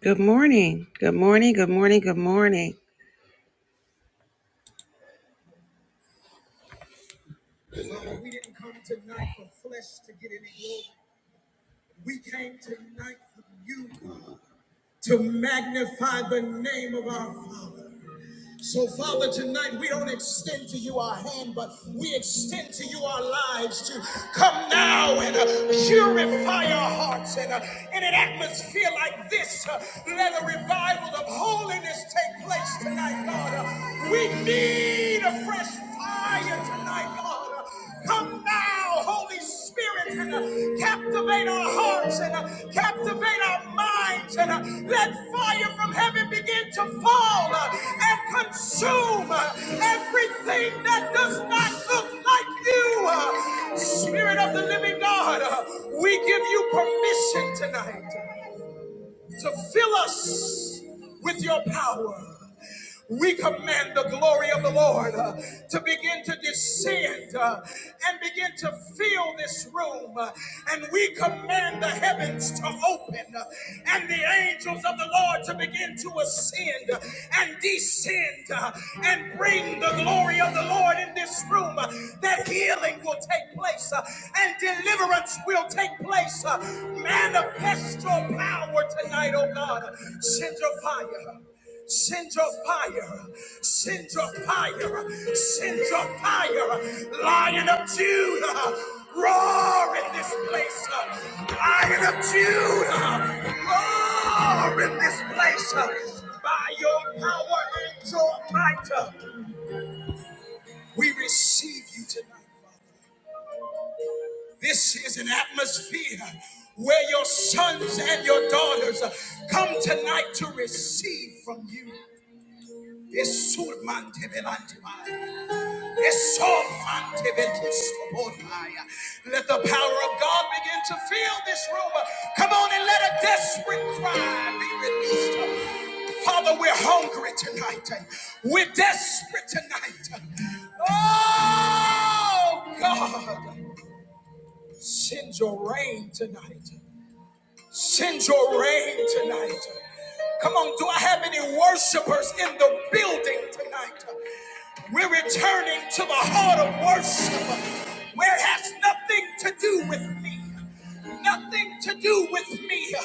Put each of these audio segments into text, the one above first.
Good morning. Good morning. Good morning. Good morning. To magnify the name of our Father. So, Father, tonight we don't extend to you our hand, but we extend to you our lives to come now and uh, purify our hearts. And uh, in an atmosphere like this, uh, let a revival of holiness take place tonight, God. Uh, we need a fresh fire tonight, God. Uh, Come now, Holy Spirit, and uh, captivate our hearts and uh, captivate our minds and uh, let fire from heaven begin to fall uh, and consume uh, everything that does not look like you. uh, Spirit of the living God, uh, we give you permission tonight to fill us with your power. We command the glory of the Lord uh, to begin to descend uh, and begin to fill this room. uh, and we command the heavens to open uh, and the angels of the Lord to begin to ascend and descend uh, and bring the glory of the Lord in this room. uh, that healing will take place. uh, and deliverance will take place. Uh, Manifest your power tonight, oh God. Send your fire. Send your fire, send your fire, send your fire, Lion of Judah, roar in this place, Uh, Lion of Judah, roar in this place. Uh, By your power and your might, uh, we receive you tonight. Father. This is an atmosphere where your sons and your daughters come tonight to receive from you. Es surmante delante mía. Es sofante vetusto Let the power of God begin to fill this room. Come on and let a desperate cry be released. Father, we're hungry tonight. We're desperate tonight. Oh, God. Send your rain tonight. Send your rain tonight. Come on, do I have any worshipers in the building tonight? We're returning to the heart of worship where it has nothing to do with me. Nothing to do with me.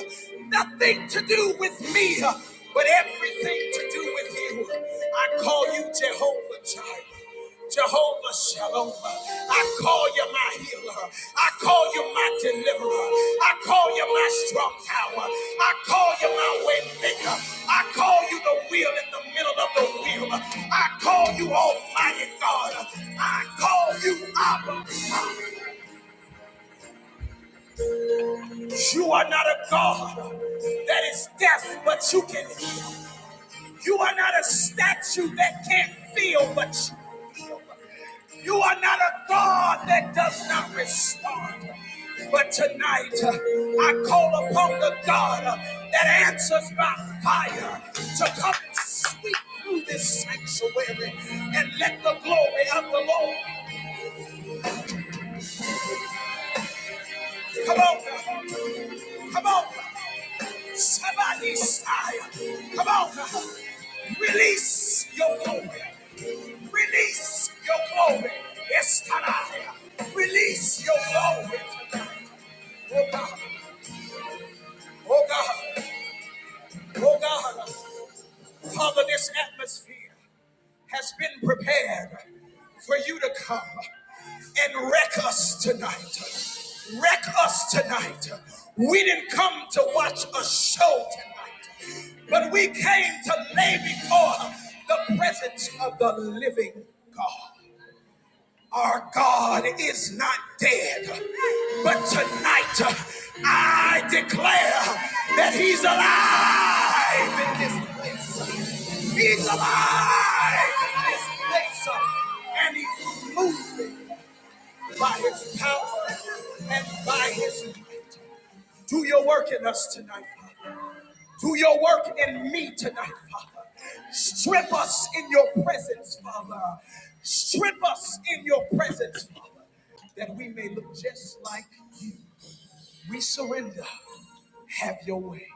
Nothing to do with me. But everything to do with you. I call you Jehovah Jireh. Jehovah Shalom. I call you my healer. I call you my deliverer. I call you my strong tower. I call you my way maker. I call you the wheel in the middle of the wheel. I call you Almighty God. I call you Abba. You are not a God that is deaf, but you can hear. You are not a statue that can't feel what you feel. You are not a God that does not respond. But tonight, uh, I call upon the God uh, that answers by fire to come and sweep through this sanctuary and let the glory of the Lord come on, now. come on, now. somebody sigh, come on, now. release your glory. Release your glory. It's time. Release your glory. Oh God. Oh God. Oh God. Father, this atmosphere has been prepared for you to come and wreck us tonight. Wreck us tonight. We didn't come to watch a show tonight, but we came to lay before the presence of the living God. Our God is not dead, but tonight uh, I declare that He's alive in this place. He's alive in this place, uh, and He's moving by His power and by His might. Do your work in us tonight. Father. Do your work in me tonight, Father. Strip us in your presence, Father. Strip us in your presence, Father, that we may look just like you. We surrender. Have your way,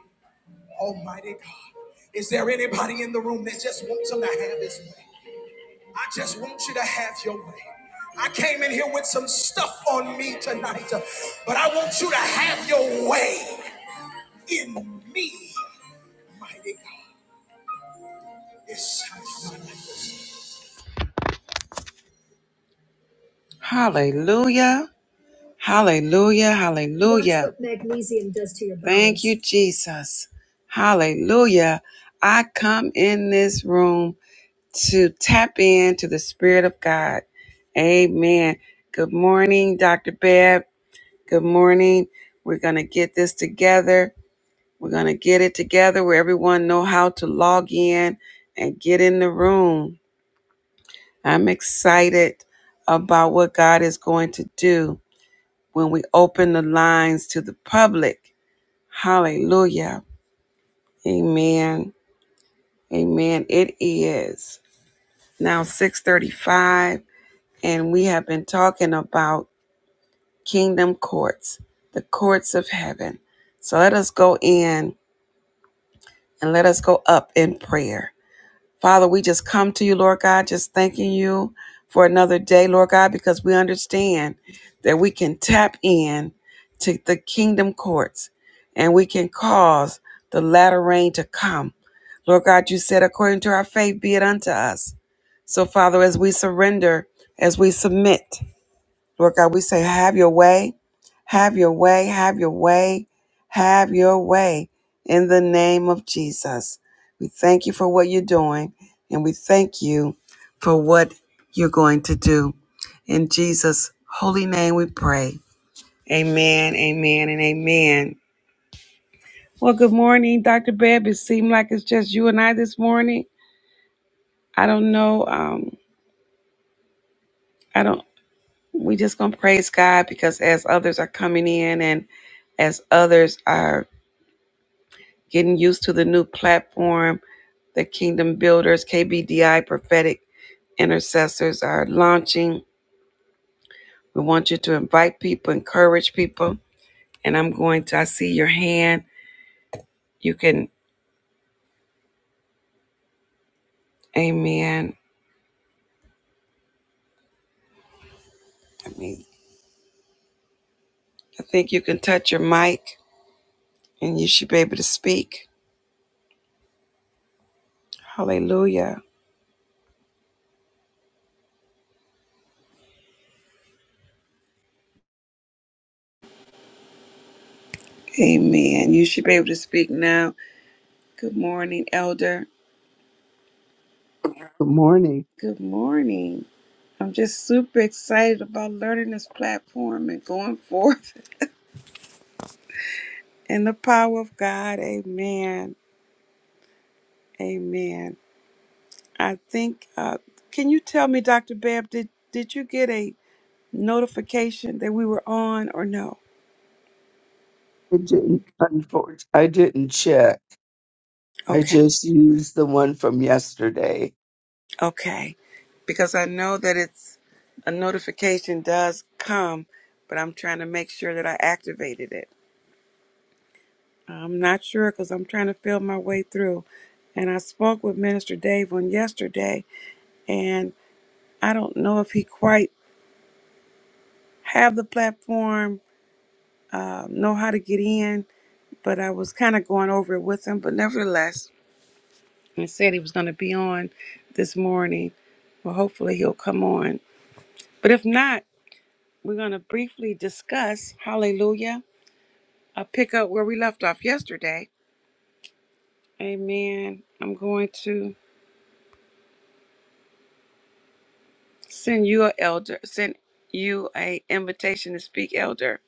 Almighty God. Is there anybody in the room that just wants him to have his way? I just want you to have your way. I came in here with some stuff on me tonight, but I want you to have your way in me, mighty God. Hallelujah. Hallelujah. Hallelujah. Watch what magnesium does to your bones. Thank you, Jesus. Hallelujah. I come in this room to tap into the Spirit of God. Amen. Good morning, Dr. Babb. Good morning. We're going to get this together. We're going to get it together where everyone know how to log in and get in the room. I'm excited about what God is going to do when we open the lines to the public. Hallelujah. Amen. Amen. It is now 6:35 and we have been talking about kingdom courts, the courts of heaven. So let us go in and let us go up in prayer. Father, we just come to you, Lord God, just thanking you for another day, Lord God, because we understand that we can tap in to the kingdom courts and we can cause the latter rain to come. Lord God, you said, according to our faith, be it unto us. So, Father, as we surrender, as we submit, Lord God, we say, have your way, have your way, have your way, have your way in the name of Jesus. We thank you for what you're doing and we thank you for what you're going to do. In Jesus' holy name we pray. Amen, amen, and amen. Well, good morning, Dr. Bebb. It seemed like it's just you and I this morning. I don't know. Um, I don't. we just gonna praise God because as others are coming in and as others are getting used to the new platform, the Kingdom Builders, KBDI prophetic intercessors are launching. We want you to invite people, encourage people. And I'm going to, I see your hand. You can, amen. I mean, I think you can touch your mic and you should be able to speak. Hallelujah. Amen. You should be able to speak now. Good morning, Elder. Good morning. Good morning. I'm just super excited about learning this platform and going forth in the power of God. Amen. Amen. I think, uh, can you tell me, Dr. Babb, did, did you get a notification that we were on or no? I didn't, unfortunately, I didn't check. I Okay. just used the one from yesterday. Okay. Because I know that it's a notification does come, but I'm trying to make sure that I activated it. I'm not sure because I'm trying to feel my way through. And I spoke with Minister Dave on yesterday, and I don't know if he quite have the platform, uh, know how to get in, but I was kind of going over it with him. But nevertheless, he said he was going to be on this morning. Well, hopefully he'll come on. But if not, we're going to briefly discuss, hallelujah, i pick up where we left off yesterday. Amen. I'm going to. Send you a elder. Send you a invitation to speak, elder.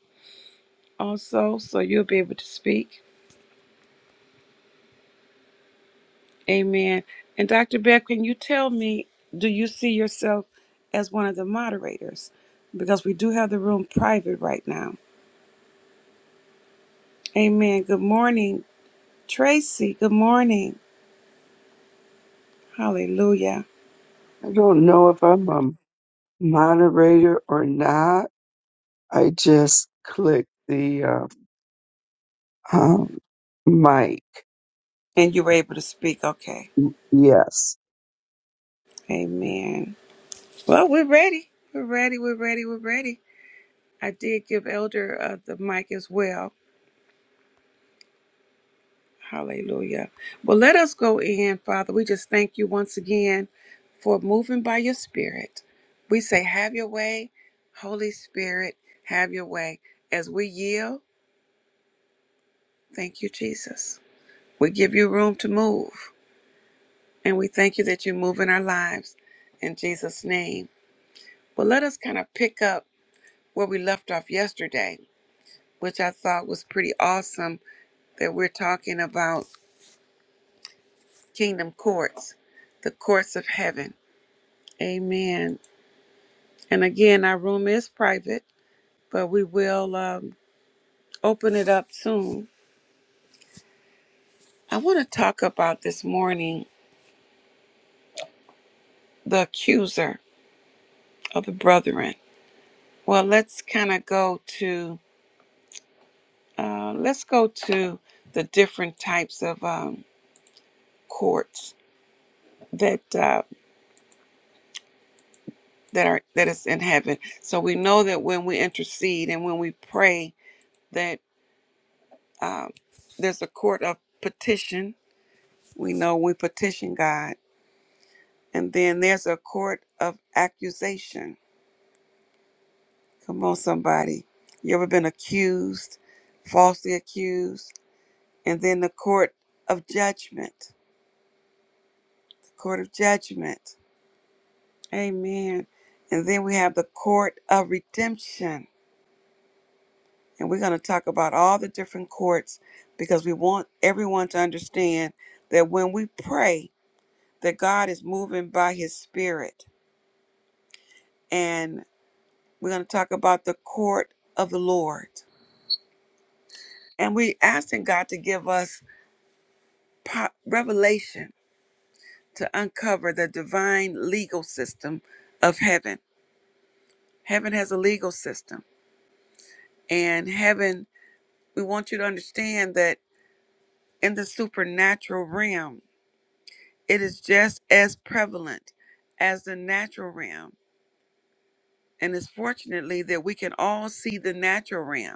Also, so you'll be able to speak. Amen. And Dr. Beck, can you tell me, do you see yourself as one of the moderators? Because we do have the room private right now. Amen. Good morning, Tracy. Good morning. Hallelujah. I don't know if I'm a moderator or not. I just clicked the uh, um, mic. And you were able to speak. Okay. Yes. Amen. Well, we're ready. We're ready. We're ready. We're ready. I did give Elder uh, the mic as well. Hallelujah. Well, let us go in, Father. We just thank you once again for moving by your Spirit. We say, Have your way, Holy Spirit, have your way. As we yield, thank you, Jesus. We give you room to move, and we thank you that you move in our lives in Jesus' name. Well, let us kind of pick up where we left off yesterday, which I thought was pretty awesome that we're talking about kingdom courts, the courts of heaven. Amen. And again, our room is private, but we will um, open it up soon. I want to talk about this morning the accuser of the brethren. Well, let's kind of go to uh, let's go to the different types of um, courts that uh, that are that is in heaven. So we know that when we intercede and when we pray, that um, there's a court of petition. We know we petition God And then there's a court of accusation. Come on, somebody. You ever been accused, falsely accused? And then the court of judgment. The court of judgment. Amen. And then we have the court of redemption. And we're going to talk about all the different courts because we want everyone to understand that when we pray, that God is moving by his spirit. And we're going to talk about the court of the Lord. And we asking God to give us po- revelation to uncover the divine legal system of heaven. Heaven has a legal system. And heaven, we want you to understand that in the supernatural realm, it is just as prevalent as the natural realm. And it's fortunately that we can all see the natural realm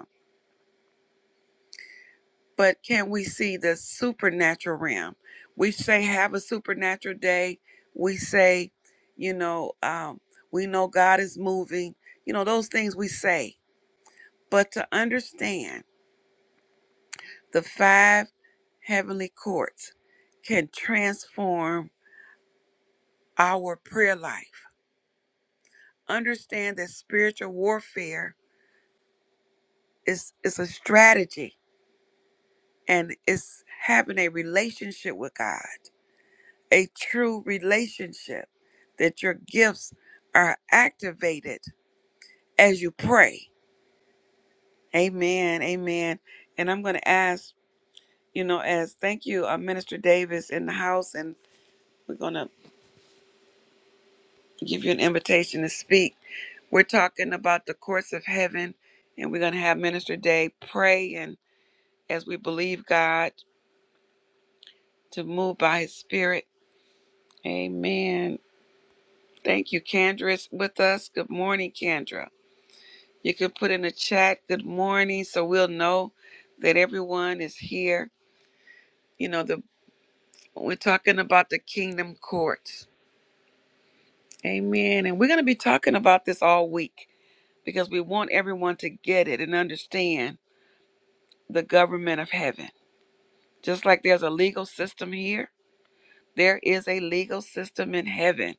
but can we see the supernatural realm? We say have a supernatural day. We say, you know, um, we know God is moving. You know those things we say, but to understand the five heavenly courts can transform our prayer life. Understand that spiritual warfare is is a strategy and it's having a relationship with God. a true relationship, that your gifts are activated as you pray. Amen. Amen. And I'm going to ask, you know, as thank you, uh, Minister Davis in the house, and we're going to give you an invitation to speak. We're talking about the courts of heaven, and we're going to have Minister Day pray and as we believe God to move by his spirit. Amen. Thank you, Candra's with us. Good morning, Kendra. You can put in the chat good morning so we'll know that everyone is here. You know, the we're talking about the kingdom courts. Amen. And we're going to be talking about this all week because we want everyone to get it and understand the government of heaven. Just like there's a legal system here, there is a legal system in heaven.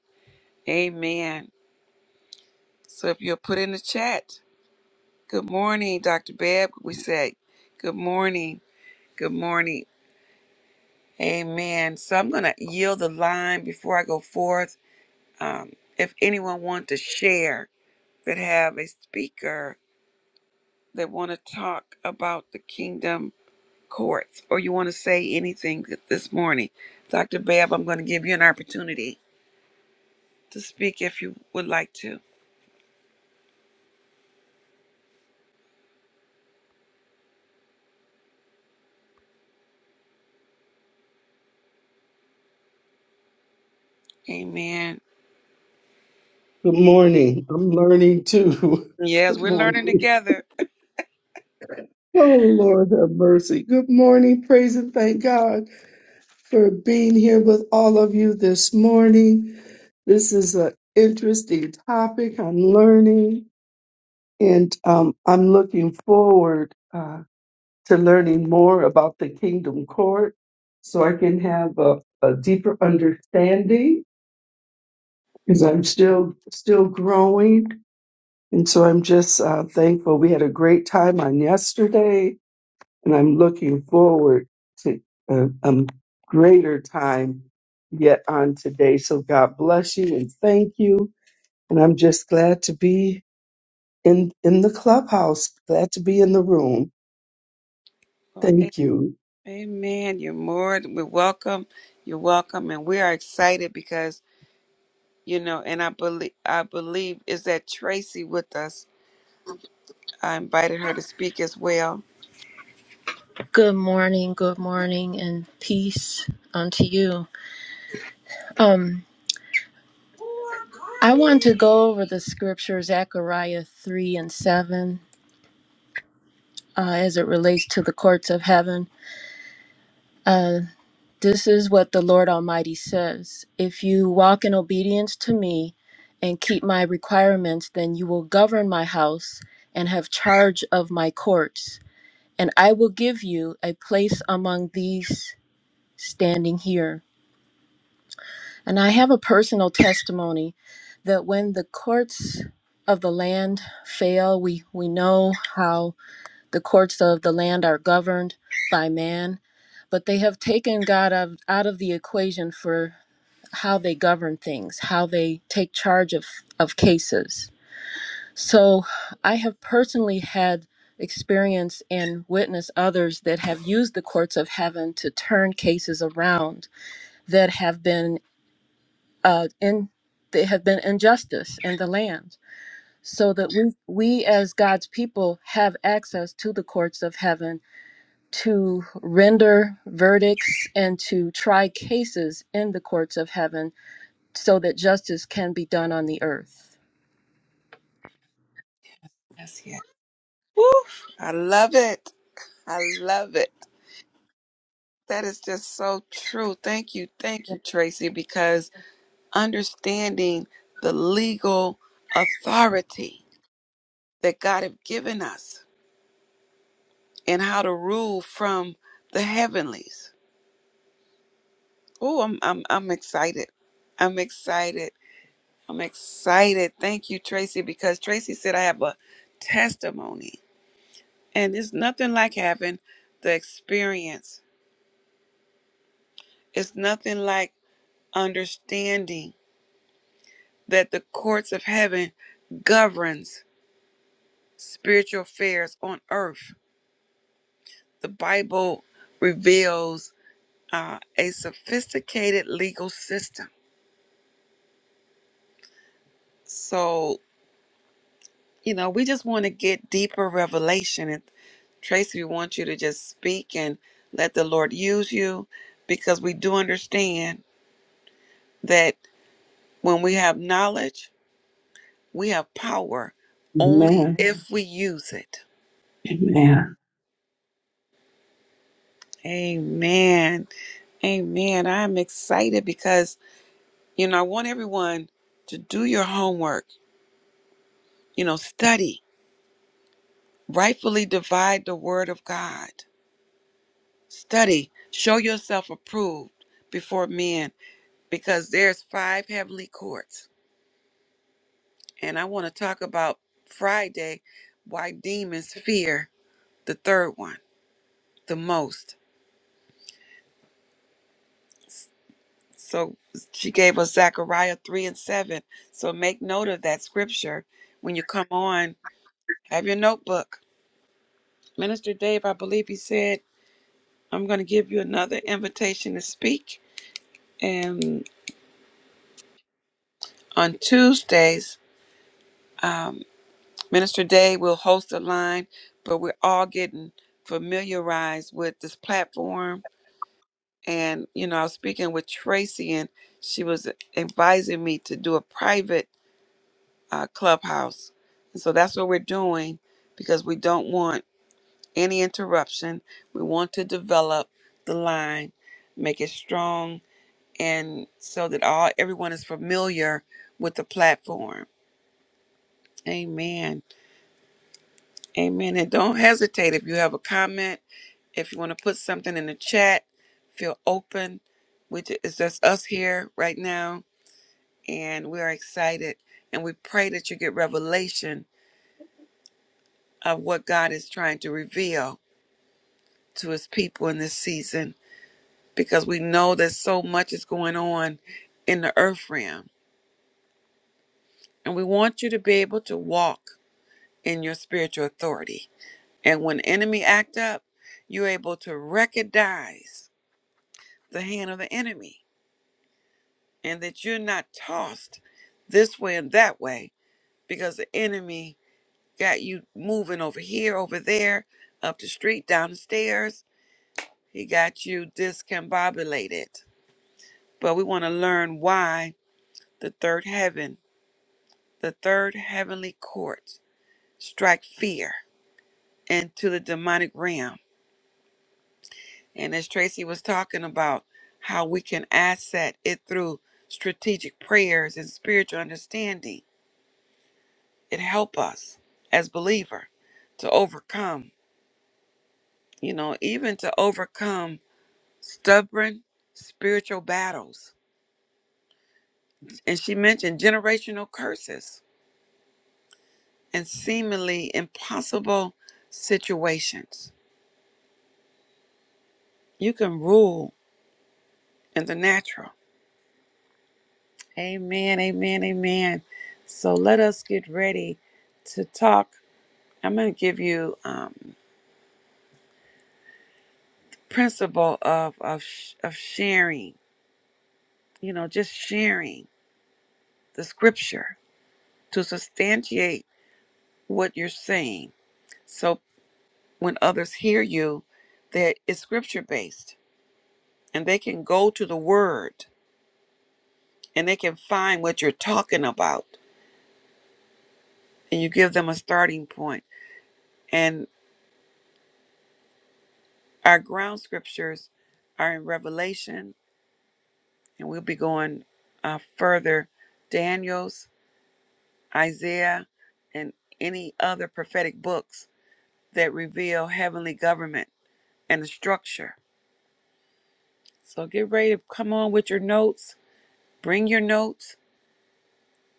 Amen. So if you'll put in the chat, good morning, Dr. Babb, we say, good morning, good morning. Amen. So I'm going to yield the line before I go forth. Um, if anyone want to share that have a speaker that want to talk about the kingdom courts or you want to say anything th- this morning, Dr. Babb, I'm going to give you an opportunity to speak if you would like to. Amen. Good morning. I'm learning too. Yes, Good we're learning morning. together. Oh, Lord have mercy. Good morning. Praise and thank God for being here with all of you this morning. This is an interesting topic. I'm learning and um, I'm looking forward uh, to learning more about the Kingdom Court so I can have a, a deeper understanding because I'm still still growing And so I'm just uh, thankful. We had a great time on yesterday, and I'm looking forward to a, a greater time yet on today. So God bless you and thank you. And I'm just glad to be in in the clubhouse, glad to be in the room. Well, a- Thank you. Amen. You're more we're welcome. You're welcome. And we are excited because you know, and I believe I believe is that Tracy with us. I invited her to speak as well. Good morning, good morning, and peace unto you. Um, I want to go over the scripture Zechariah 3 and 7 uh, as it relates to the courts of heaven. Uh, this is what the Lord Almighty says If you walk in obedience to me and keep my requirements, then you will govern my house and have charge of my courts, and I will give you a place among these standing here. And I have a personal testimony that when the courts of the land fail, we, we know how the courts of the land are governed by man, but they have taken God out of, out of the equation for how they govern things, how they take charge of, of cases. So I have personally had experience and witnessed others that have used the courts of heaven to turn cases around that have been uh, in there have been injustice in the land, so that we we as God's people have access to the courts of heaven to render verdicts and to try cases in the courts of heaven, so that justice can be done on the earth. Yes, yes. Woof. I love it. I love it. That is just so true. Thank you. Thank you, Tracy, because understanding the legal authority that God have given us and how to rule from the heavenlies. Oh, I'm I'm I'm excited. I'm excited. I'm excited. Thank you, Tracy, because Tracy said I have a testimony. And it's nothing like having the experience, it's nothing like understanding that the courts of heaven governs spiritual affairs on earth. The Bible reveals uh, a sophisticated legal system. So you know, we just want to get deeper revelation. And Tracy, we want you to just speak and let the Lord use you because we do understand that when we have knowledge, we have power only Amen. Amen. if we use it. Amen. Amen. Amen. I'm excited because, you know, I want everyone to do your homework, you know, study, rightfully divide the word of God, study, show yourself approved before men because there's five heavenly courts and i want to talk about friday why demons fear the third one the most so she gave us zechariah 3 and 7 so make note of that scripture when you come on have your notebook minister dave i believe he said i'm going to give you another invitation to speak and on tuesdays um, Minister Day will host a line, but we're all getting familiarized with this platform. And, you know, I was speaking with Tracy, and she was advising me to do a private uh, clubhouse. And so that's what we're doing because we don't want any interruption. We want to develop the line, make it strong, and so that all everyone is familiar with the platform. Amen. Amen. And don't hesitate if you have a comment, if you want to put something in the chat, feel open. We ju- it's just us here right now, and we are excited. And we pray that you get revelation of what God is trying to reveal to his people in this season, because we know that so much is going on in the earth realm. And we want you to be able to walk in your spiritual authority. And when enemy act up, you're able to recognize the hand of the enemy and that you're not tossed this way and that way because the enemy got you moving over here, over there, up the street, down the stairs. He got you discombobulated. But we want to learn why the third heaven, the third heavenly court, strike fear into the demonic realm. And as Tracy was talking about, how we can asset it through strategic prayers and spiritual understanding it help us as believer to overcome you know even to overcome stubborn spiritual battles and she mentioned generational curses and seemingly impossible situations you can rule in the natural amen amen amen so let us get ready to talk i'm going to give you um principle of of, sh- of sharing you know just sharing the scripture to substantiate what you're saying. So when others hear you, that it's scripture based and they can go to the word and they can find what you're talking about and you give them a starting point. And our ground scriptures are in Revelation and we'll be going uh, further Daniel's, Isaiah, and any other prophetic books that reveal heavenly government and the structure. So get ready to come on with your notes Bring your notes,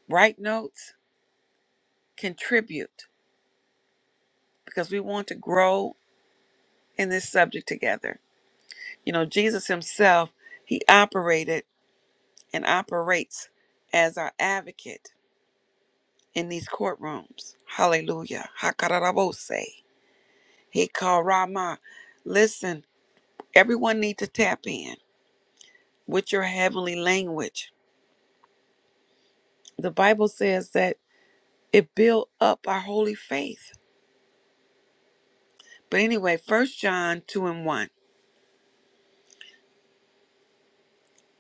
write notes, contribute, because we want to grow in this subject together. You know, Jesus himself, he operated and operates as our advocate in these courtrooms. Hallelujah. Hakarabose. He called Rama. Listen, everyone need to tap in with your heavenly language. The Bible says that it built up our holy faith. But anyway, First John 2 and 1.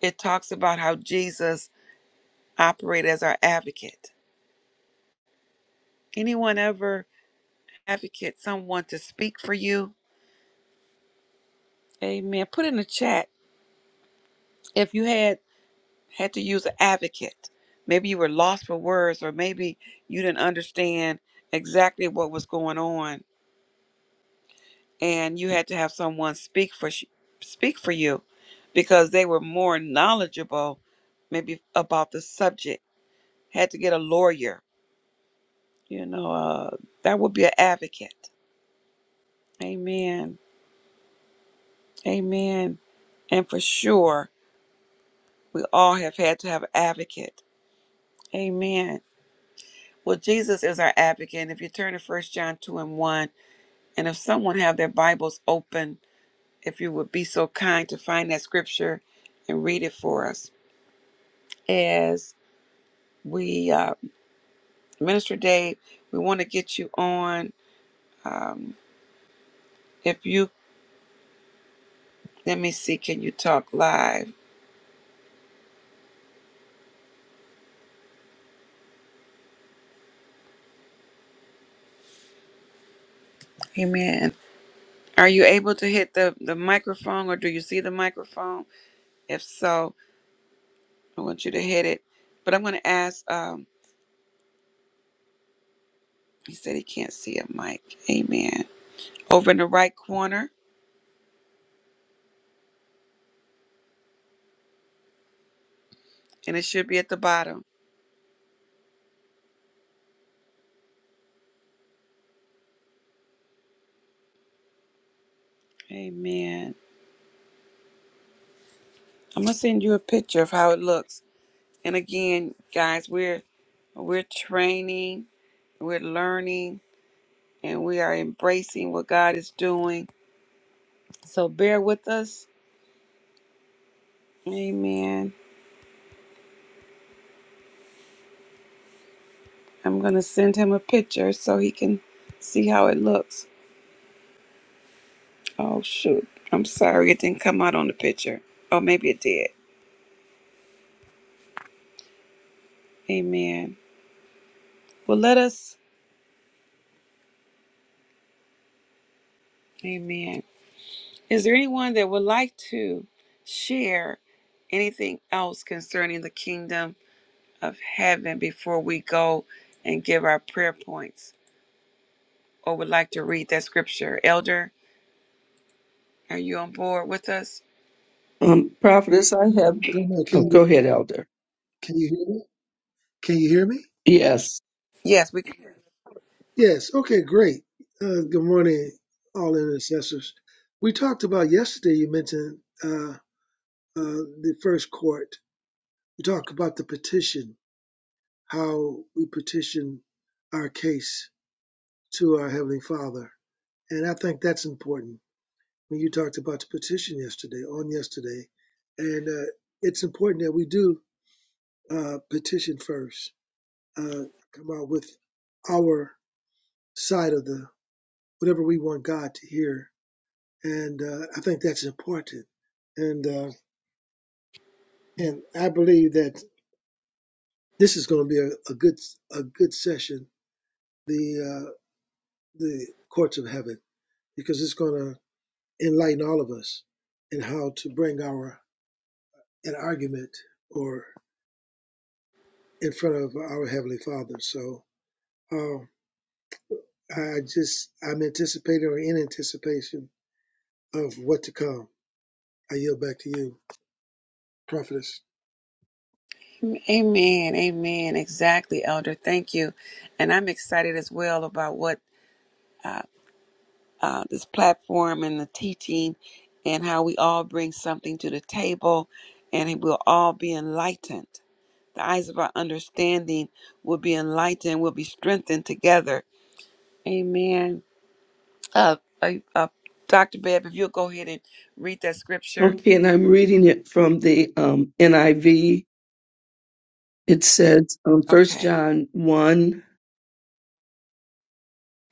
It talks about how Jesus operated as our advocate. Anyone ever advocate someone to speak for you? Amen. Put in the chat if you had had to use an advocate. Maybe you were lost for words or maybe you didn't understand exactly what was going on and you had to have someone speak for sh- speak for you because they were more knowledgeable maybe about the subject. Had to get a lawyer, you know, uh, that would be an advocate Amen. Amen. And for sure, we all have had to have an advocate. Amen. Well, Jesus is our advocate. And if you turn to First John 2 and 1, and if someone have their Bibles open, if you would be so kind to find that scripture and read it for us. As we, uh, Minister Dave, we want to get you on. Um, if you, let me see, can you talk live? Amen. Are you able to hit the, the microphone or do you see the microphone? If so, I want you to hit it. But I'm going to ask, um, he said he can't see a mic. Amen. Over in the right corner, and it should be at the bottom. Amen. I'm going to send you a picture of how it looks. And again, guys, we're we're training, we're learning, and we are embracing what God is doing. So bear with us. Amen. I'm going to send him a picture so he can see how it looks. Oh shoot. I'm sorry it didn't come out on the picture. Oh maybe it did. Amen. Well let us Amen. Is there anyone that would like to share anything else concerning the kingdom of heaven before we go and give our prayer points? Or would like to read that scripture? Elder, are you on board with us? Um, prophetess, I have. I don't know. Oh, Can go you ahead, Elder. can you hear me? Can you hear me? Yes. Yes, we can. Yes. Okay. Great. Uh, good morning, all intercessors. We talked about yesterday. You mentioned uh, uh, the first court. We talked about the petition, how we petition our case to our heavenly Father, and I think that's important. When you talked about the petition yesterday, on yesterday, and uh, it's important that we do uh, petition first. Uh, come out with our side of the whatever we want God to hear. And uh, I think that's important. And uh, and I believe that this is going to be a, a good a good session, the uh, the courts of heaven, because it's going to enlighten all of us in how to bring our an argument or in front of our heavenly Father. So uh, I just I'm anticipating or in anticipation of what to come. I yield back to you, prophetess. Amen. Amen. Exactly, Elder. Thank you. And I'm excited as well about what uh, this platform and the teaching and how we all bring something to the table and we'll all be enlightened. The eyes of our understanding will be enlightened, will be strengthened together. Amen. Uh, uh, uh, Dr. Beb, if you'll go ahead and read that scripture. Okay, and I'm reading it from the um, NIV It says um, 1 Okay. John one,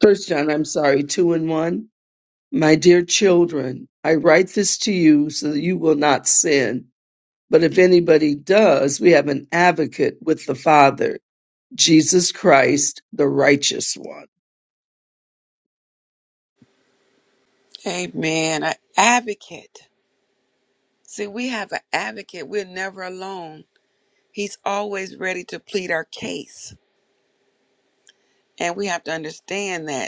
First John, I'm sorry, 2 and 1. My dear children, I write this to you so that you will not sin. But if anybody does, we have an advocate with the Father, Jesus Christ, the righteous one. Amen. An advocate. See, we have an advocate. We're never alone. He's always ready to plead our case. And we have to understand that.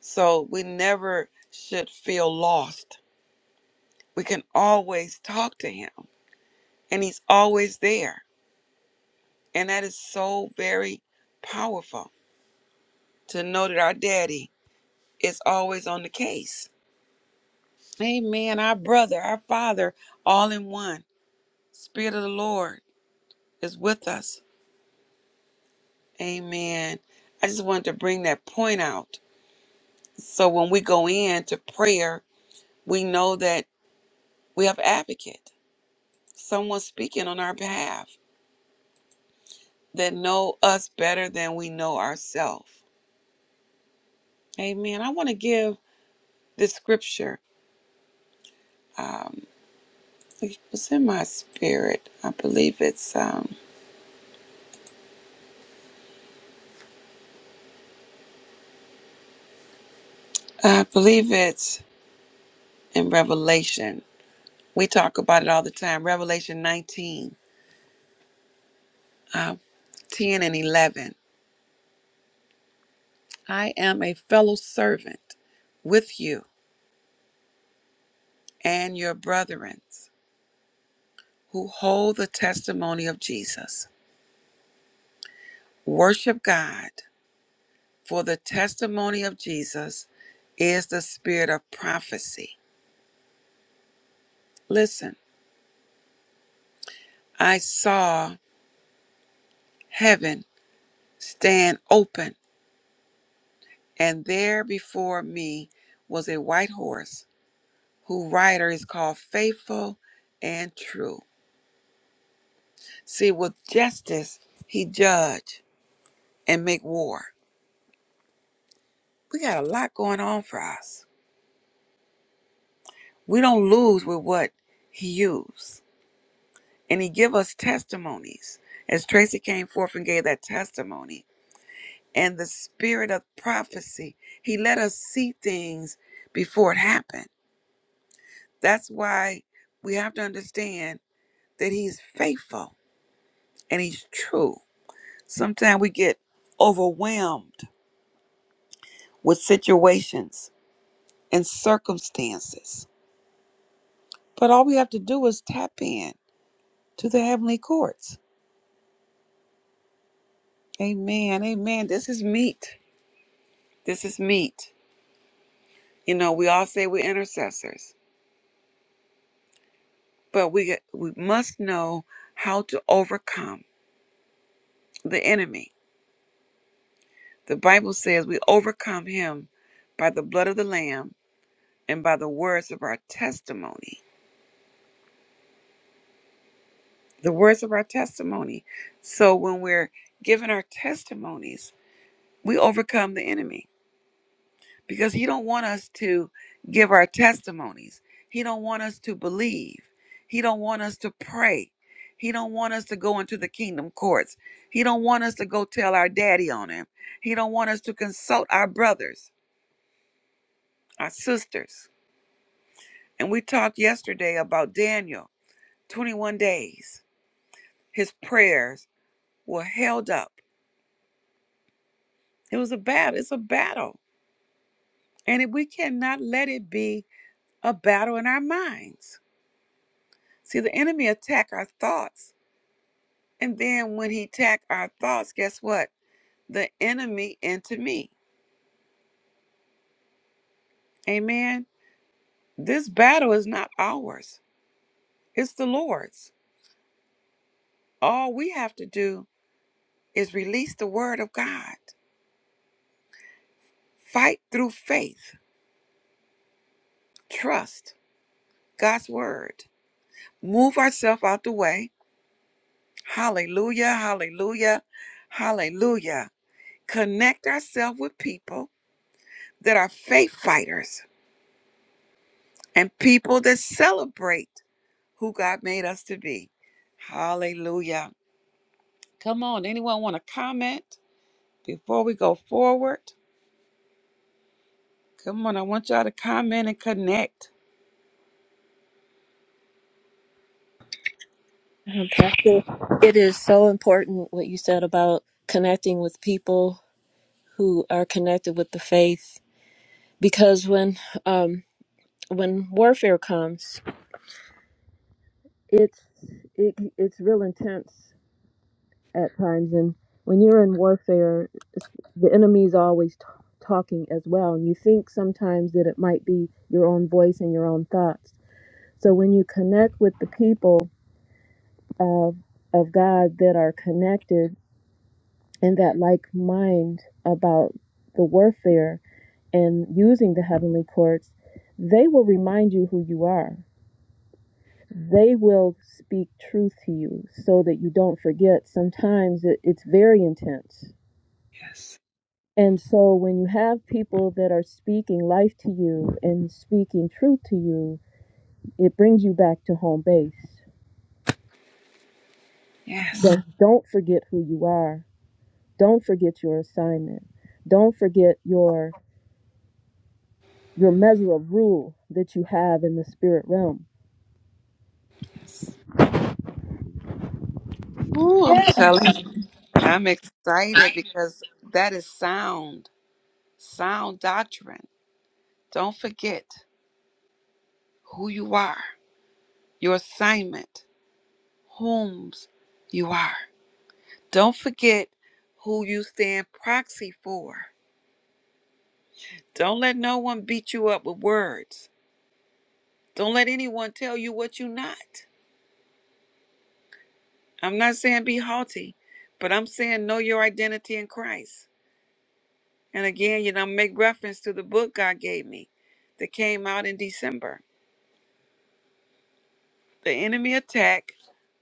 So we never should feel lost. We can always talk to him, and he's always there. And that is so very powerful to know that our daddy is always on the case. Amen. Our brother, our father, all in one. Spirit of the Lord is with us. Amen. I just wanted to bring that point out. So when we go into prayer, we know that we have advocate, someone speaking on our behalf that know us better than we know ourselves. Amen. I want to give this scripture. Um, it was in my spirit. I believe it's. Um, I believe it's in Revelation. We talk about it all the time. Revelation 19, uh, 10 and 11. I am a fellow servant with you and your brethren who hold the testimony of Jesus. Worship God For the testimony of Jesus is the spirit of prophecy. Listen, I saw heaven stand open, and there before me was a white horse, whose rider is called Faithful and True. See, with justice, he judge and make war. We got a lot going on for us. We don't lose with what he used. And he give us testimonies. As Tracy came forth and gave that testimony, and the spirit of prophecy. He let us see things before it happened. That's why we have to understand that He's faithful and He's true. Sometimes we get overwhelmed with situations and circumstances, but all we have to do is tap in to the heavenly courts. Amen. Amen. This is meat. This is meat. You know, we all say we're intercessors, but we we must know how to overcome the enemy. The Bible says we overcome him by the blood of the Lamb and by the words of our testimony. The words of our testimony. So when we're giving our testimonies, we overcome the enemy because he don't want us to give our testimonies. He don't want us to believe. He don't want us to pray. He don't want us to go into the kingdom courts. He don't want us to go tell our daddy on him. He don't want us to consult our brothers, our sisters And we talked yesterday about Daniel, 21 days. His prayers were held up. It was a battle. It's a battle. And if we cannot let it be a battle in our minds. See, the enemy attack our thoughts. And then when he attack our thoughts, guess what? The enemy into me. Amen. This battle is not ours. It's the Lord's. All we have to do is release the word of God. Fight through faith, trust, God's word. Move ourselves out the way. Hallelujah, hallelujah, hallelujah. Connect ourselves with people that are faith fighters and people that celebrate who God made us to be. Hallelujah. Come on, anyone want to comment before we go forward? Come on, I want y'all to comment and connect. Mhm, Pastor, it is so important what you said about connecting with people who are connected with the faith, because when um, when warfare comes, it's it, it's real intense at times and when you're in warfare the enemy is always t- talking as well and you think sometimes that it might be your own voice and your own thoughts so when you connect with the people of of god that are connected in that like mind about the warfare and using the heavenly courts they will remind you who you are they will speak truth to you so that you don't forget sometimes it, it's very intense Yes, And so when you have people that are speaking life to you and speaking truth to you, it brings you back to home base. yes. Don't forget who you are. Don't forget your assignment. Don't forget your your measure of rule that you have in the spirit realm. Ooh, I'm telling you, I'm excited because that is sound. sound doctrine. Don't forget who you are, your assignment, whom you are. Don't forget who you stand proxy for. Don't let no one beat you up with words. Don't let anyone tell you what you're not. I'm not saying be haughty, but I'm saying know your identity in Christ. And again, you know, make reference to the book God gave me that came out in December. The enemy attack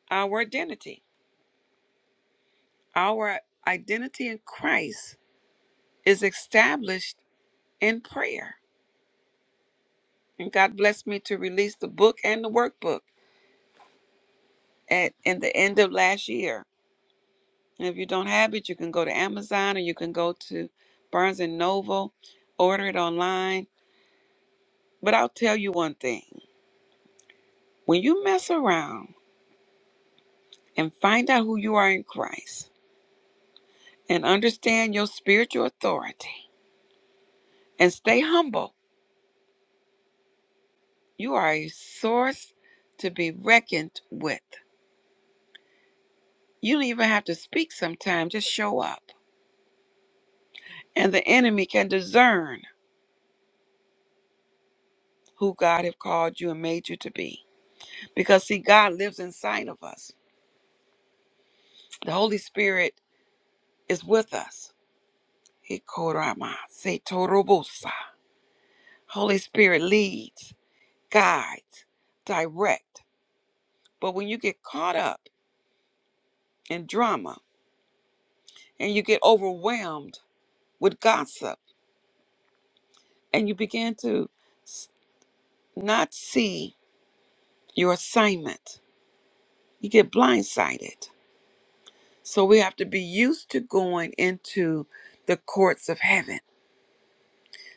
our identity Our identity in Christ is established in prayer. And God blessed me to release the book and the workbook at in the end of last year. And if you don't have it, you can go to Amazon or you can go to Barnes and Noble, order it online. But I'll tell you one thing. When you mess around and find out who you are in Christ and understand your spiritual authority and stay humble, you are a source to be reckoned with. You don't even have to speak sometimes, just show up. And the enemy can discern who God have called you and made you to be. Because see, God lives inside of us. The Holy Spirit is with us. He korama, se torobosa. Holy Spirit leads, guides, direct. But when you get caught up in drama and you get overwhelmed with gossip and you begin to s- not see your assignment, you get blindsided So we have to be used to going into the courts of heaven.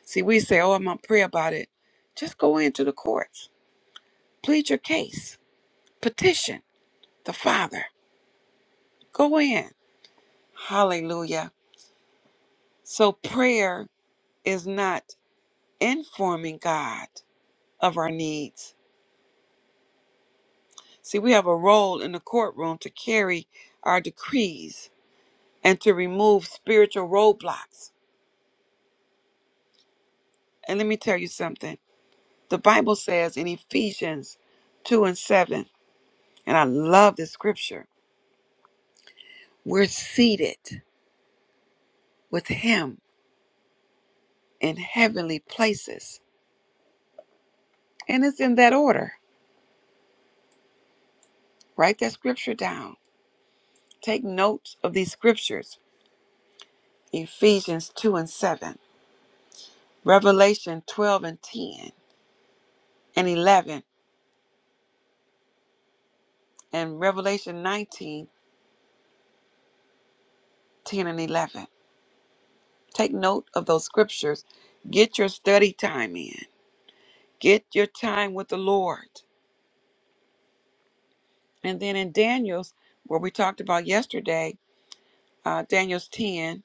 See, we say, oh, I'm going to pray about it. Just go into the courts, plead your case, petition the Father. Go in. Hallelujah. So prayer is not informing God of our needs. See, we have a role in the courtroom to carry our decrees and to remove spiritual roadblocks. And let me tell you something. The Bible says in Ephesians 2 and 7, and I love this scripture, we're seated with Him in heavenly places. And it's in that order. Write that scripture down. Take notes of these scriptures Ephesians 2 and 7, Revelation 12 and 10 and 11, and Revelation 19 10 and 11. Take note of those scriptures. Get your study time in, get your time with the Lord And then in Daniel's, where we talked about yesterday, uh, Daniel's 10,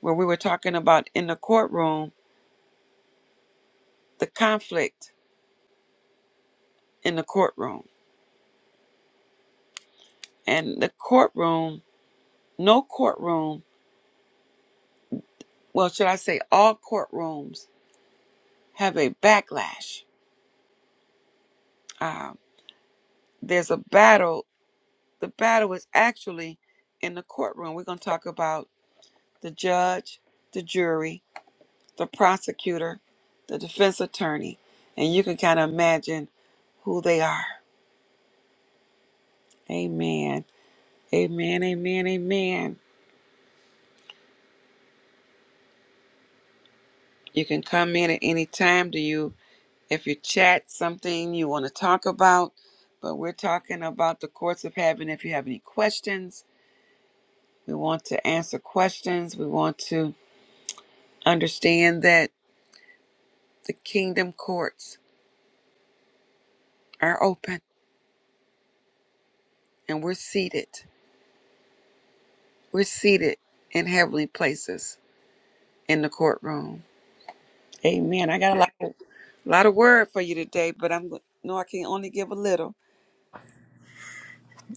where we were talking about in the courtroom, the conflict in the courtroom. And the courtroom, no courtroom, well, should I say all courtrooms have a backlash. Uh, there's a battle. The battle is actually in the courtroom. We're going to talk about the judge, the jury, the prosecutor, the defense attorney, and you can kind of imagine who they are Amen. Amen. Amen. Amen. You can come in at any time. Do you, if you chat something you want to talk about, but we're talking about the courts of heaven. If you have any questions, we want to answer questions. We want to understand that the kingdom courts are open and we're seated. We're seated in heavenly places in the courtroom. Amen. I got a lot, of, a lot of word for you today, but I'm go- no, I can only give a little.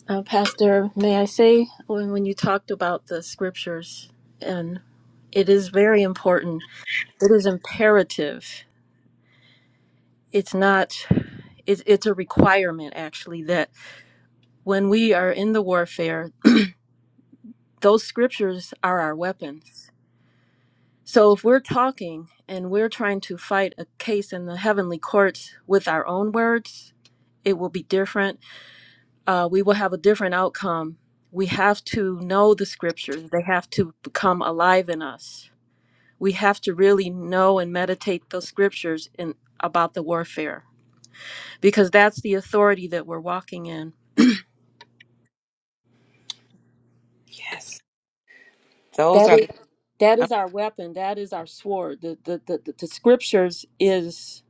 Uh, Pastor, may I say, when, when you talked about the scriptures, and it is very important, it is imperative. It's not, it's, it's a requirement actually that. when we are in the warfare, those scriptures are our weapons. So if we're talking and we're trying to fight a case in the heavenly courts with our own words, it will be different. Uh, we will have a different outcome. We have to know the scriptures, they have to become alive in us. We have to really know and meditate those scriptures in, about the warfare because that's the authority that we're walking in Yes. Those That are is the that oh, is our weapon. That is our sword. The the the, the, the scriptures is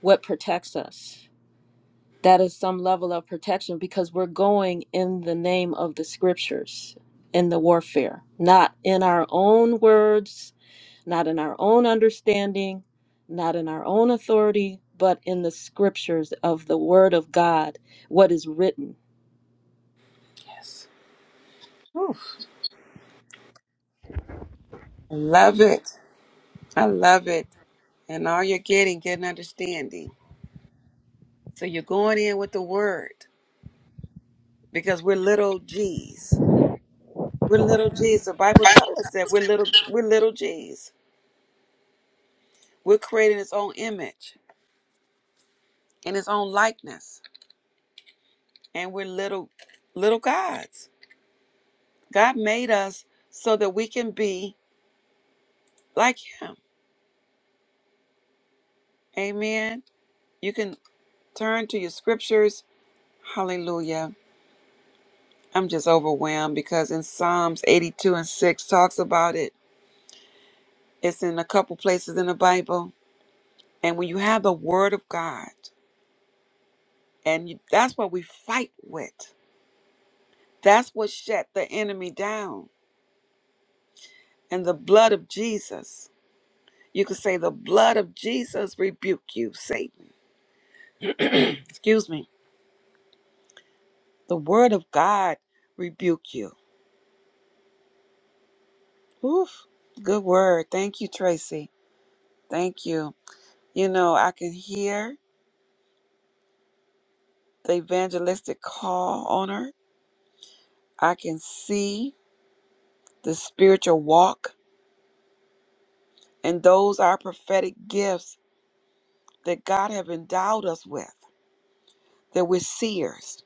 what protects us. That is some level of protection because we're going in the name of the scriptures in the warfare, not in our own words, not in our own understanding, not in our own authority, but in the scriptures of the word of God, what is written. yes. Whew. I love it. I love it. And all you're getting, getting understanding. So you're going in with the word because we're little G's. We're little G's. The Bible tells us that we're little we're little G's. We're created in its own image, in its own likeness. And we're little little gods. God made us so that we can be like him. Amen. You can turn to your scriptures. Hallelujah I'm just overwhelmed because in Psalms 82 and 6 talks about it. It's in a couple places in the Bible. And when you have the word of God, and you, that's what we fight with, that's what shut the enemy down. And the blood of Jesus, you could say, the blood of Jesus rebuke you, Satan. Excuse me. The word of God rebuke you. Oof. Good word. Thank you, Tracy. Thank you. You know, I can hear the evangelistic call on her I can see the spiritual walk and those are prophetic gifts that God have endowed us with, that we're seers.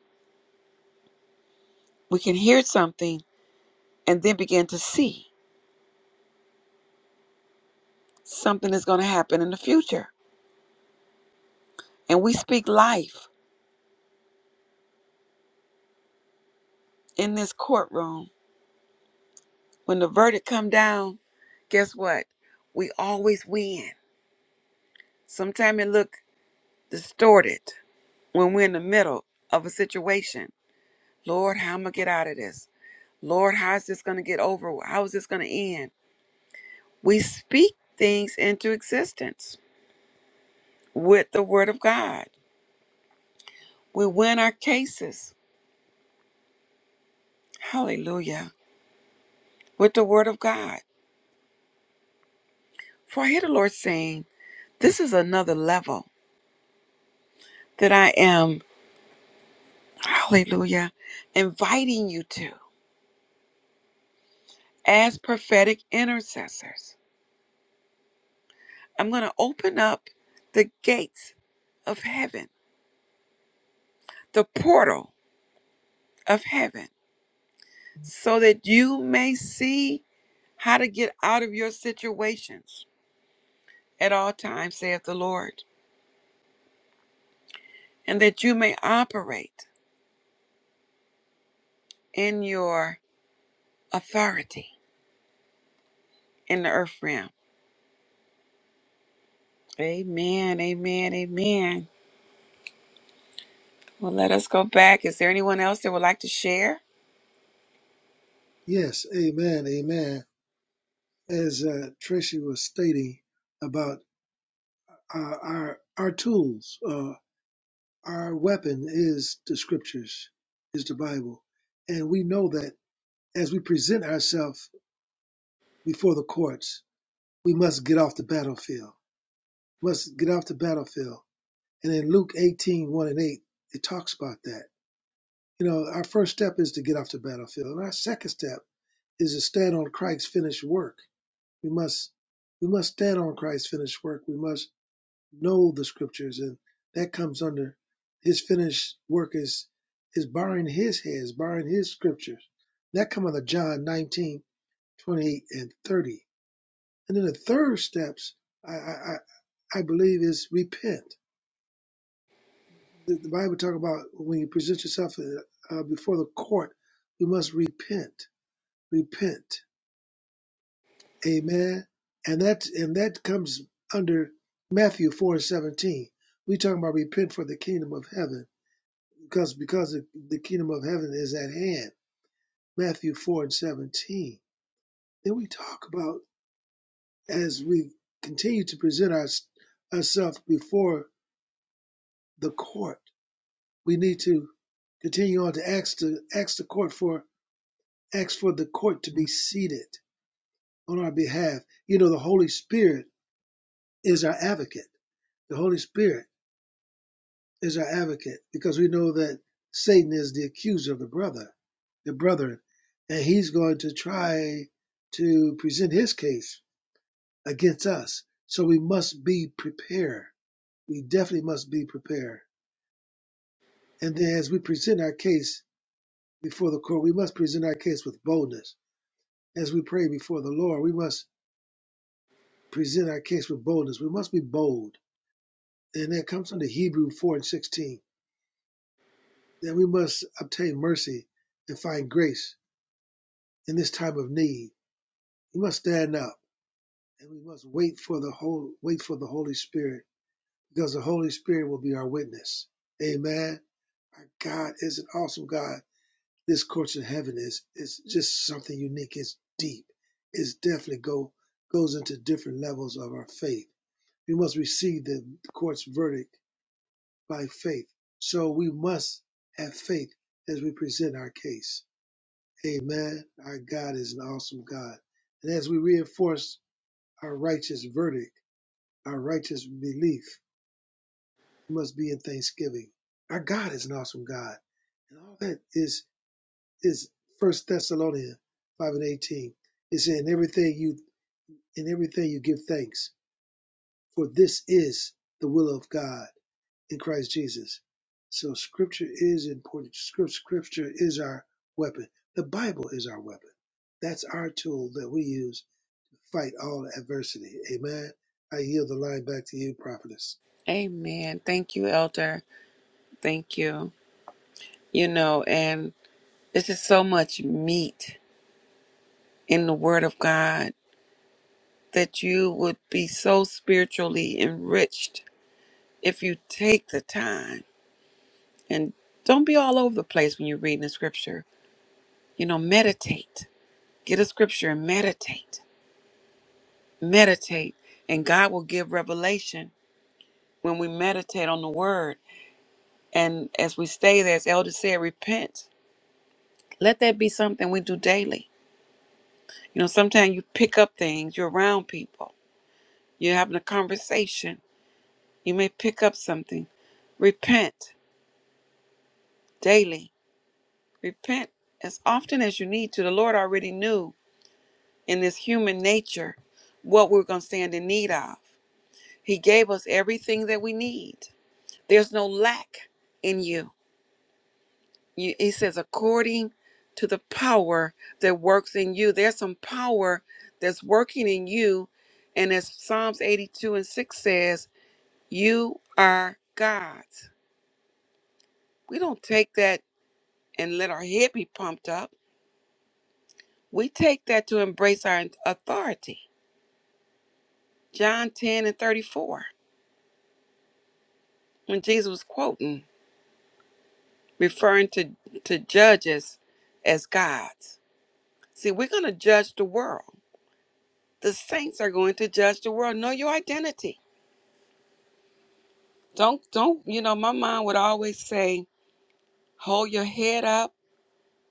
We can hear something and then begin to see something is going to happen in the future. And we speak life in this courtroom. When the verdict come down, guess what? We always win. Sometimes it look distorted when we're in the middle of a situation Lord, how am I going to get out of this? Lord, how is this going to get over? How is this going to end? We speak things into existence with the Word of God. We win our cases. Hallelujah. With the Word of God. For I hear the Lord saying, This is another level that I am, hallelujah, inviting you to as prophetic intercessors. I'm going to open up the gates of heaven, the portal of heaven so that you may see how to get out of your situations at all times, saith the Lord, and that you may operate in your authority in the earth realm. Amen, amen, amen. Well, let us go back. Is there anyone else that would like to share? Yes, Amen, Amen. as uh, Tracy was stating about uh, our our tools, uh, our weapon is the scriptures, is the Bible, and we know that as we present ourselves before the courts, we must get off the battlefield. Must get off the battlefield. And in Luke 18, one and 8, it talks about that. You know, our first step is to get off the battlefield, and our second step is to stand on Christ's finished work. We must we must stand on Christ's finished work. We must know the scriptures and that comes under his finished work is is barring his heads, barring his scriptures. That come under John 19, twenty-eight, and 30. And then the third steps I I, I believe is repent. The, the Bible talk about when you present yourself uh, uh, before the court, you must repent. Repent. Amen. And that and that comes under Matthew 4 and 17. We talking about repent for the kingdom of heaven because because the kingdom of heaven is at hand matthew 4 and 17 then we talk about as we continue to present our, ourselves before the court we need to continue on to ask to ask the court for ask for the court to be seated on our behalf you know the holy spirit is our advocate the holy spirit is our advocate because we know that Satan is the accuser of the brother, the brethren, and he's going to try to present his case against us. So we must be prepared. We definitely must be prepared. And then as we present our case before the court, we must present our case with boldness. As we pray before the Lord, we must present our case with boldness. We must be bold. And that comes from the Hebrew 4 and 16, that we must obtain mercy and find grace in this time of need. We must stand up and we must wait for the whole wait for the Holy Spirit because the Holy Spirit will be our witness. Amen. Our God is an awesome God. This course in heaven is is just something unique. It's deep. It's definitely go goes into different levels of our faith. We must receive the court's verdict by faith. So we must have faith as we present our case. Amen. Our God is an awesome God. And as we reinforce Our righteous verdict, our righteous belief It must be in thanksgiving. Our God is an awesome God. And all that is is First Thessalonians five and eighteen. It says, in everything you in everything you give thanks, for this is the will of God in Christ Jesus. So scripture is important. Scripture is our weapon. The Bible is our weapon. That's our tool that we use to fight all adversity. Amen. I yield the line back to you, prophetess. Amen. Thank you, Elder. Thank you. You know, and it's just so much meat in the Word of God that you would be so spiritually enriched if you take the time and don't be all over the place when you're reading the scripture, you know, meditate. Get a scripture and meditate. Meditate. And God will give revelation when we meditate on the word. And as we stay there, as Elder said, repent. Let that be something we do daily. You know, sometimes you pick up things, you're around people, you're having a conversation, you may pick up something. Repent daily. Repent as often as you need to. The Lord already knew and this human nature what we're going to stand in need of. He gave us everything that we need. There's no lack in you. you he says, according to the power that works in you. There's some power that's working in you. And as Psalms 82 and 6 says, you are God's. We don't take that and let our head be pumped up. We take that to embrace our authority. John 10 and 34, when Jesus was quoting. referring to, to judges as gods. See, we're going to judge the world. The saints are going to judge the world. Know your identity. Don't, don't, you know, my mom would always say, hold your head up,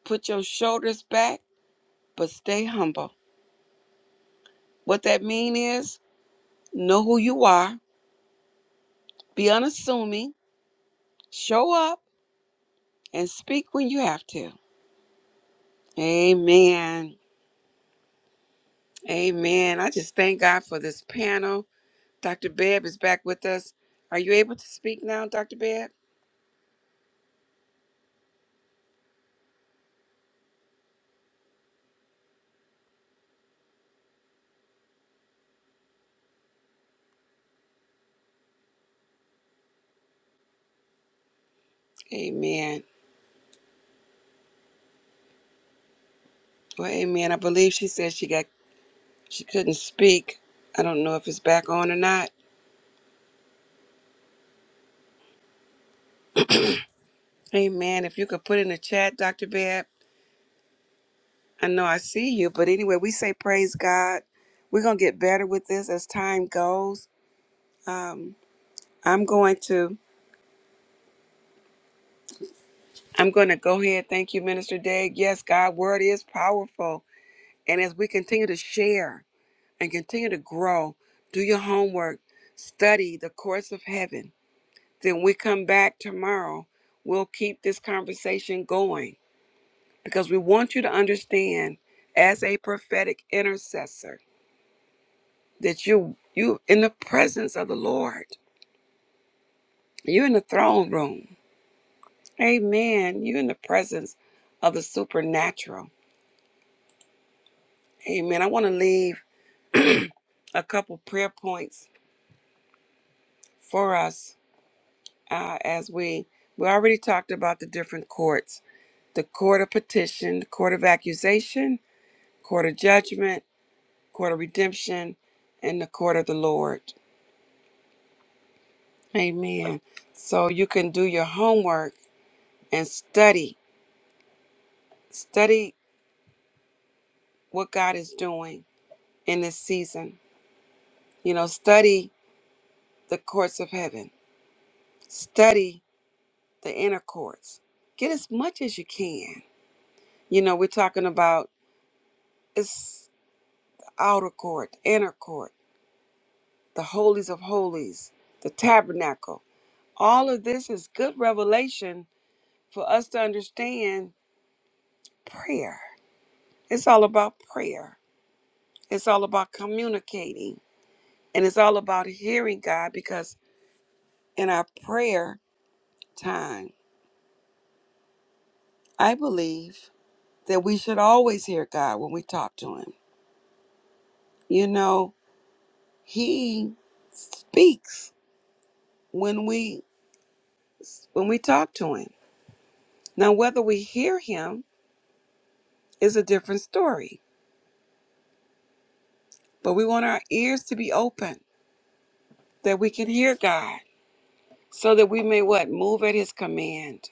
put your shoulders back, but stay humble. What that mean is know who you are, be unassuming, show up, and speak when you have to. Amen. Amen. I just thank God for this panel. Dr. Babb is back with us. Are you able to speak now, Dr. Babb? Amen. Well, amen. I believe she said she got she couldn't speak. I don't know if it's back on or not. Amen. If you could put in the chat, Dr. Babb. I know I see you, but anyway, we say praise God. We're gonna get better with this as time goes. Um, I'm going to I'm gonna go ahead. Thank you, Minister Dag. Yes, God word is powerful. And as we continue to share. and continue to grow. Do your homework, study the course of heaven. Then we come back tomorrow. We'll keep this conversation going because we want you to understand as a prophetic intercessor that you you in the presence of the Lord. You're in the throne room. Amen. You're in the presence of the supernatural. Amen. I want to leave a couple prayer points for us uh, as we we already talked about the different courts the court of petition the court of accusation court of judgment court of redemption and the court of the lord amen so you can do your homework and study study what god is doing in this season you know study the courts of heaven study the inner courts get as much as you can you know we're talking about it's outer court inner court the holies of holies, the tabernacle. All of this is good revelation for us to understand prayer. It's all about prayer. It's all about communicating and it's all about hearing God because in our prayer time, I believe that we should always hear God when we talk to him. You know, he speaks when we when we talk to him. Now whether we hear him is a different story But we want our ears to be open that we can hear God so that we may what? Move at his command.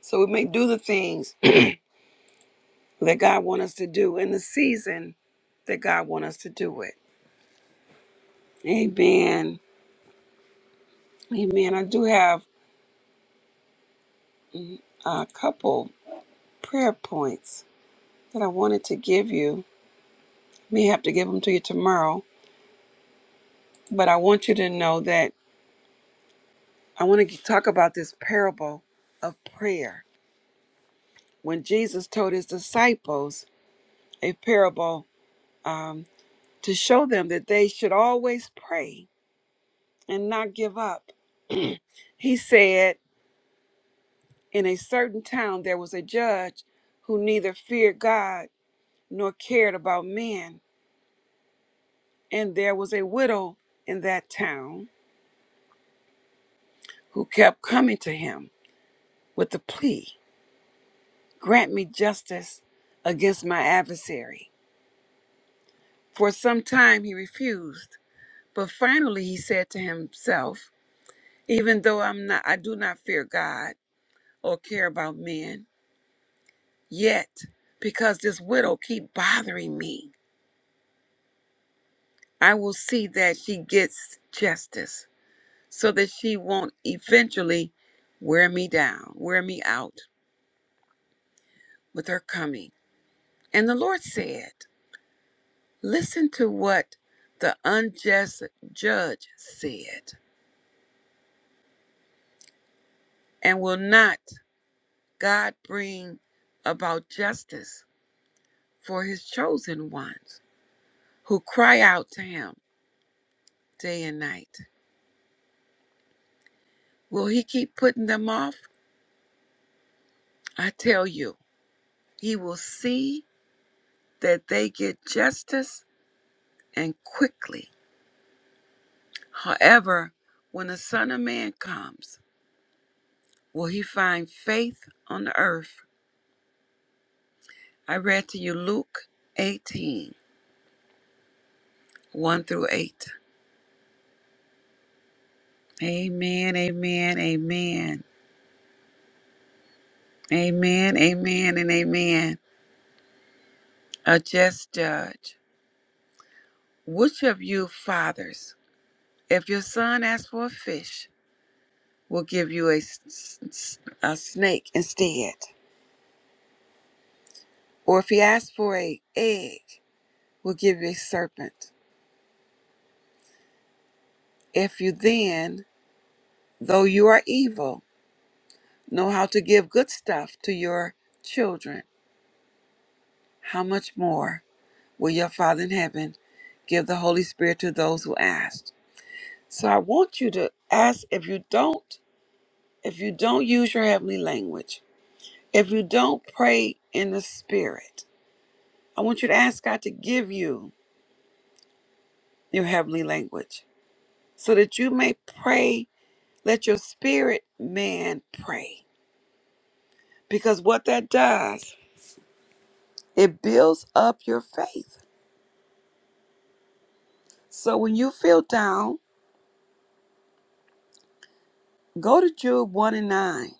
So we may do the things that God wants us to do in the season that God wants us to do it. Amen. Amen. I do have a couple prayer points that I wanted to give you. May have to give them to you tomorrow, but I want you to know that I want to talk about this parable of prayer. When Jesus told his disciples a parable um, to show them that they should always pray and not give up. He said, In a certain town there was a judge who neither feared God nor cared about men, and there was a widow in that town who kept coming to him with the plea, Grant me justice against my adversary. For some time he refused, but finally he said to himself, Even though I'm not I do not fear God or care about men, Yet, because this widow keep bothering me, I will see that she gets justice so that she won't eventually wear me down, wear me out with her coming. And the Lord said, Listen to what the unjust judge said, and will not God bring about justice for his chosen ones who cry out to him day and night? Will he keep putting them off? I tell you, he will see that they get justice and quickly. However, when the Son of Man comes, will he find faith on the earth? I read to you Luke eighteen one through 8. Amen, amen, amen. Amen, amen, and amen. A just judge. Which of you fathers, if your son asks for a fish, will give you a, s- s- a snake instead? Or if he asks for a egg, we'll give you a serpent. If you then, though you are evil, know how to give good stuff to your children, how much more will your Father in heaven give the Holy Spirit to those who ask? So I want you to ask if you don't, if you don't use your heavenly language, if you don't pray in the spirit, I want you to ask God to give you your heavenly language so that you may pray Let your spirit man pray. Because what that does, it builds up your faith. So when you feel down, go to Jude 1 and 9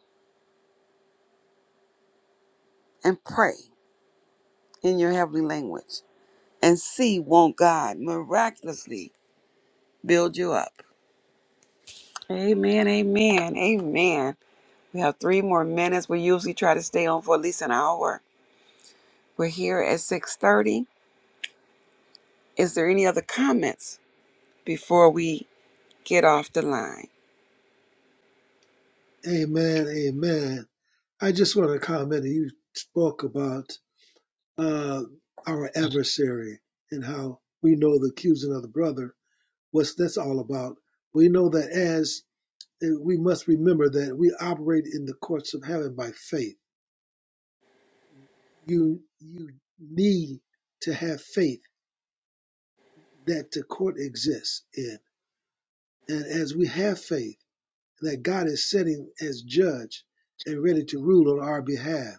and pray in your heavenly language and see won't God miraculously build you up. Amen, amen, amen. We have three more minutes. We usually try to stay on for at least an hour. We're here at 6:30. Is there any other comments before we get off the line? Amen. Amen. I just want to comment. You spoke about uh, our adversary and how we know the accusing of the brother. What's that's all about? We know that as and we must remember that we operate in the courts of heaven by faith. You you need to have faith that the court exists in, and as we have faith that God is sitting as judge and ready to rule on our behalf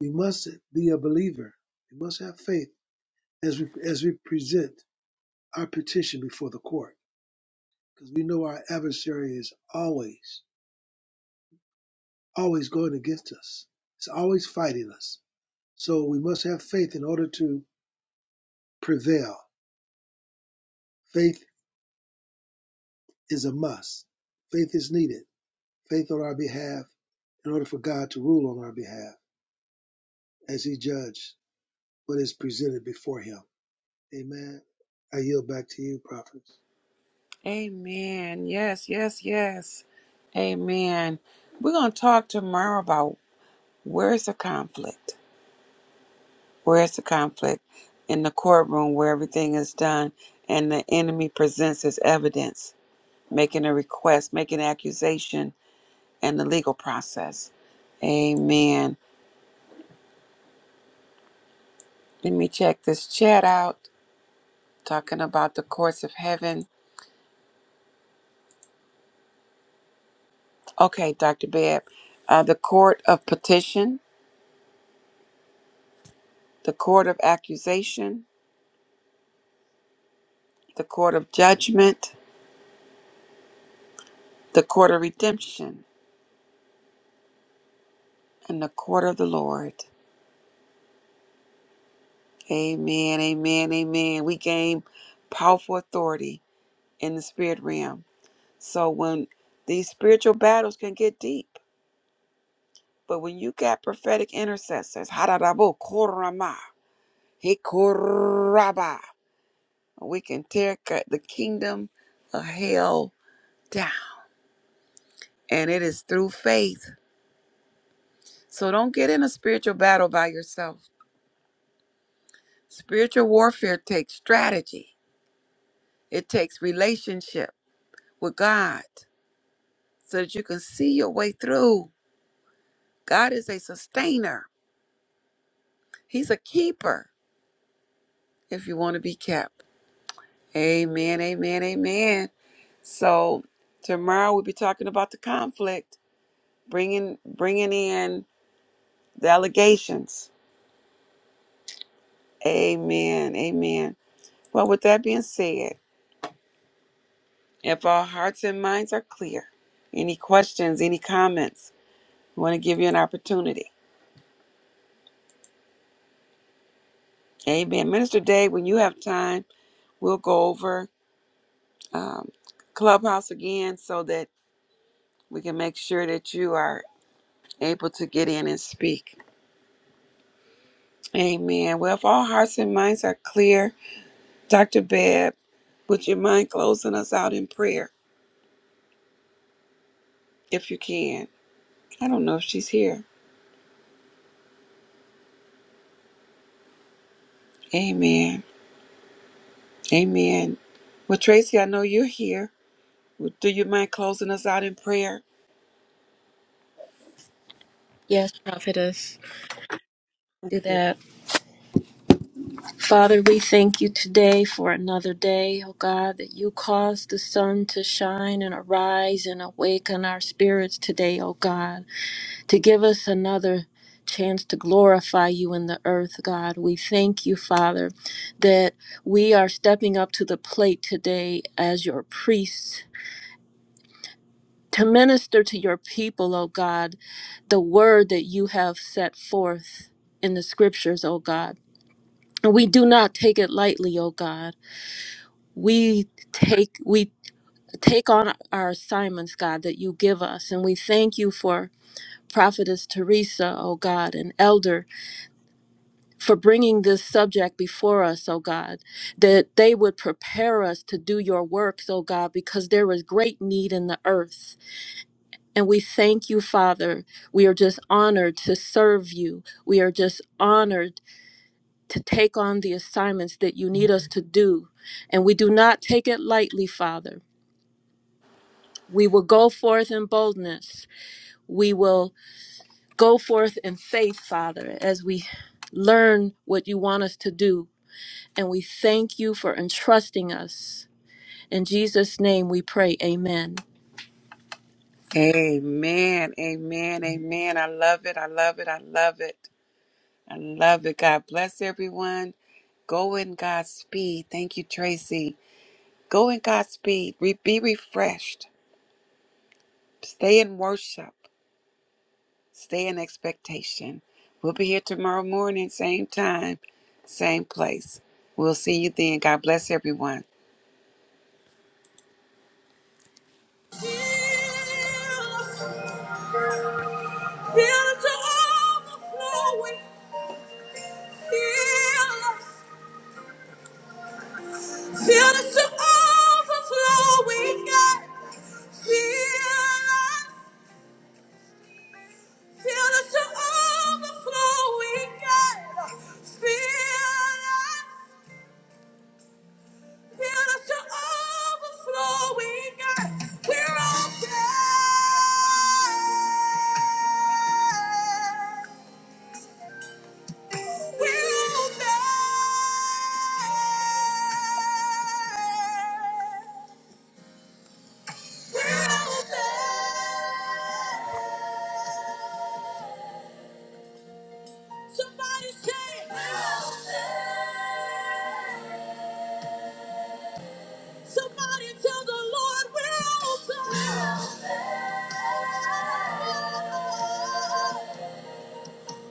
We must be a believer. We must have faith as we as we present our petition before the court, because we know our adversary is always always going against us. It's always fighting us. So we must have faith in order to prevail. Faith is a must. Faith is needed. Faith on our behalf in order for God to rule on our behalf as He judges what is presented before Him. Amen. I yield back to you, prophets. Amen. Yes, yes, yes. Amen. We're going to talk tomorrow about where's the conflict? Where's the conflict in the courtroom where everything is done and the enemy presents his evidence, making a request, making an accusation, and the legal process? Amen. Let me check this chat out. Talking about the courts of heaven. Okay, Dr. Bebb. Uh, the court of petition, the court of accusation, the court of judgment, the court of redemption, and the court of the Lord. Amen, amen, amen. We gain powerful authority in the spirit realm. So when these spiritual battles can get deep, but when you got prophetic intercessors, hararabo korama, hikoraba, we can tear cut the kingdom of hell down. And it is through faith. So don't get in a spiritual battle by yourself. Spiritual warfare takes strategy, it takes relationship with God so that you can see your way through. God is a sustainer, He's a keeper if you want to be kept. Amen, amen, amen. So, tomorrow we'll be talking about the conflict, bringing, bringing in the allegations. Amen, amen. Well, with that being said, if our hearts and minds are clear, any questions, any comments, we want to give you an opportunity. Amen. Minister Dave, when you have time, we'll go over um, Clubhouse again so that we can make sure that you are able to get in and speak. Amen. Well, if all hearts and minds are clear, Dr. Bebb, would you mind closing us out in prayer if you can? I don't know if she's here. Amen. Amen. Well, Tracy, I know you're here. Do you mind closing us out in prayer? Yes, prophetess. Do that. Father, we thank you today for another day, O God, that you caused the sun to shine and arise and awaken our spirits today, O God, to give us another chance to glorify you in the earth, God. We thank you, Father, that we are stepping up to the plate today as your priests. To minister to your people, O God, the word that you have set forth in the scriptures, O God. And we do not take it lightly, O God. we take we take on our assignments god that you give us and we thank you for prophetess teresa oh god and elder for bringing this subject before us oh god that they would prepare us to do your works oh god because there is great need in the earth and we thank you father we are just honored to serve you we are just honored to take on the assignments that you need us to do and we do not take it lightly father We will go forth in boldness. We will go forth in faith, Father, as we learn what you want us to do. And we thank you for entrusting us. In Jesus' name we pray, amen. Amen. Amen. Amen. I love it. I love it. I love it. I love it. God bless everyone. Go in God's speed. Thank you, Tracy. Go in God's speed. Re- be refreshed. Stay in worship. Stay in expectation. We'll be here tomorrow morning, same time, same place. We'll see you then. God bless everyone. Fill it to overflowing. Fill us. Fill us to overflowing, God. Fill us. Fill us to overflowing, God. Fill us. Fill us to overflowing, God. We're open. We're open. Somebody say, Somebody tell the Lord we're open.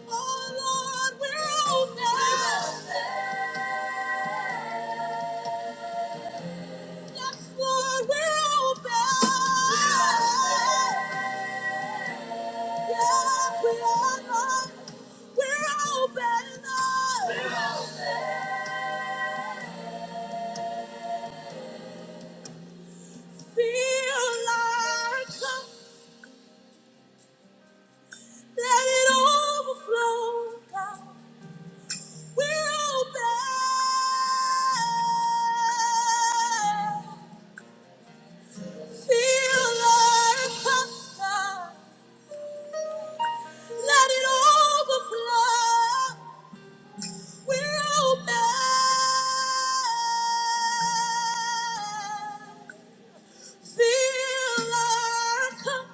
Oh Lord, we're open. Yes, Lord, we're open. Yes, we are. Lord. We're open. Lord. Feel like a- let it overflow God. We're open. Feel like a God. Let it overflow. We're open. Feel like a-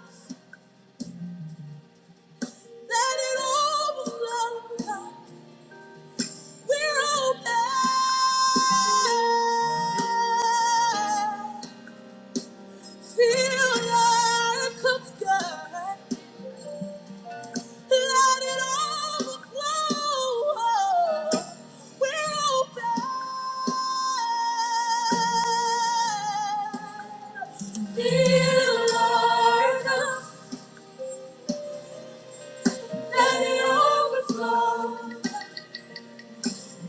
let it overflow. God. We're open. Feel your cup, God. Let it overflow. We're open. Feel our cup. Let it overflow.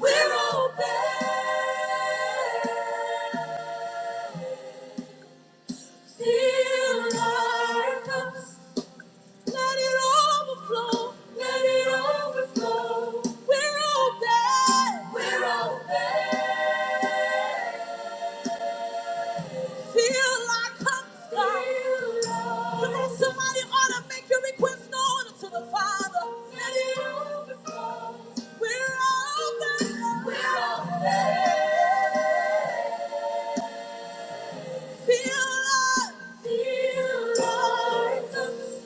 We're open. Fill our cups. Let it overflow. Let it overflow. We're open. We're open. Fill our cups, God. Fill our- Come on, somebody ought to make your request known to the Father. Let it overflow. We're open. We're open. Fill our, Fill our cups.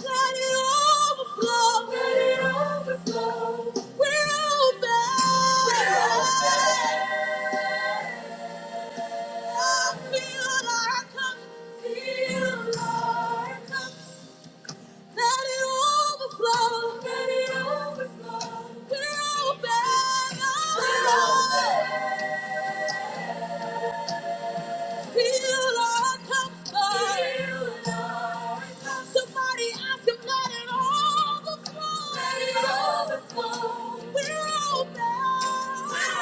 Let it overflow. Let it overflow. We're open. We're open. I feel our cups. Feel our cups. Let it overflow. Let it overflow. We're open. We're open. Heal our comfort. Somebody ask him, let it overflow. Let it overflow. We're open. We're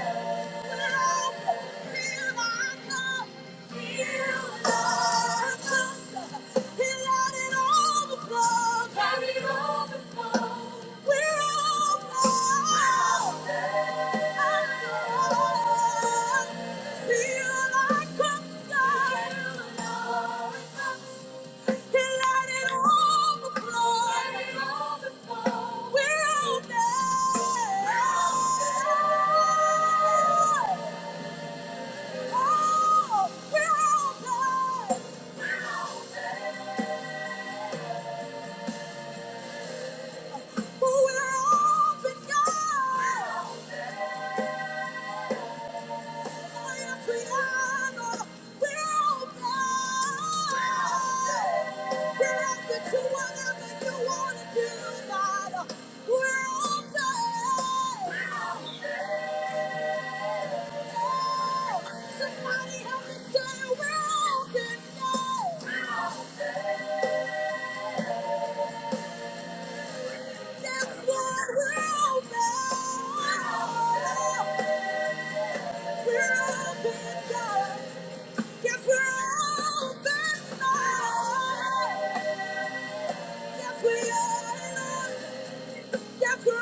open. Feel like a star. We're open, God. Yes, we're open now. Yes, we are. Yes, we're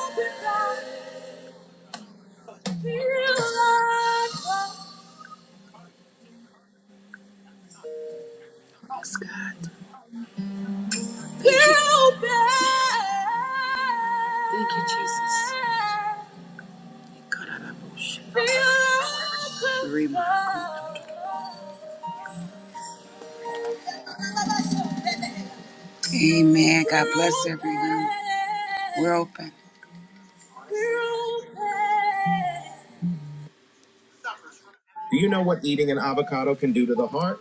open. all Yes, God. Thank you. Feel bad. Thank you, Jesus. Kararabushi. Feel open. Rima. Amen. God bless everyone. We're open. Do you know what eating an avocado can do to the heart?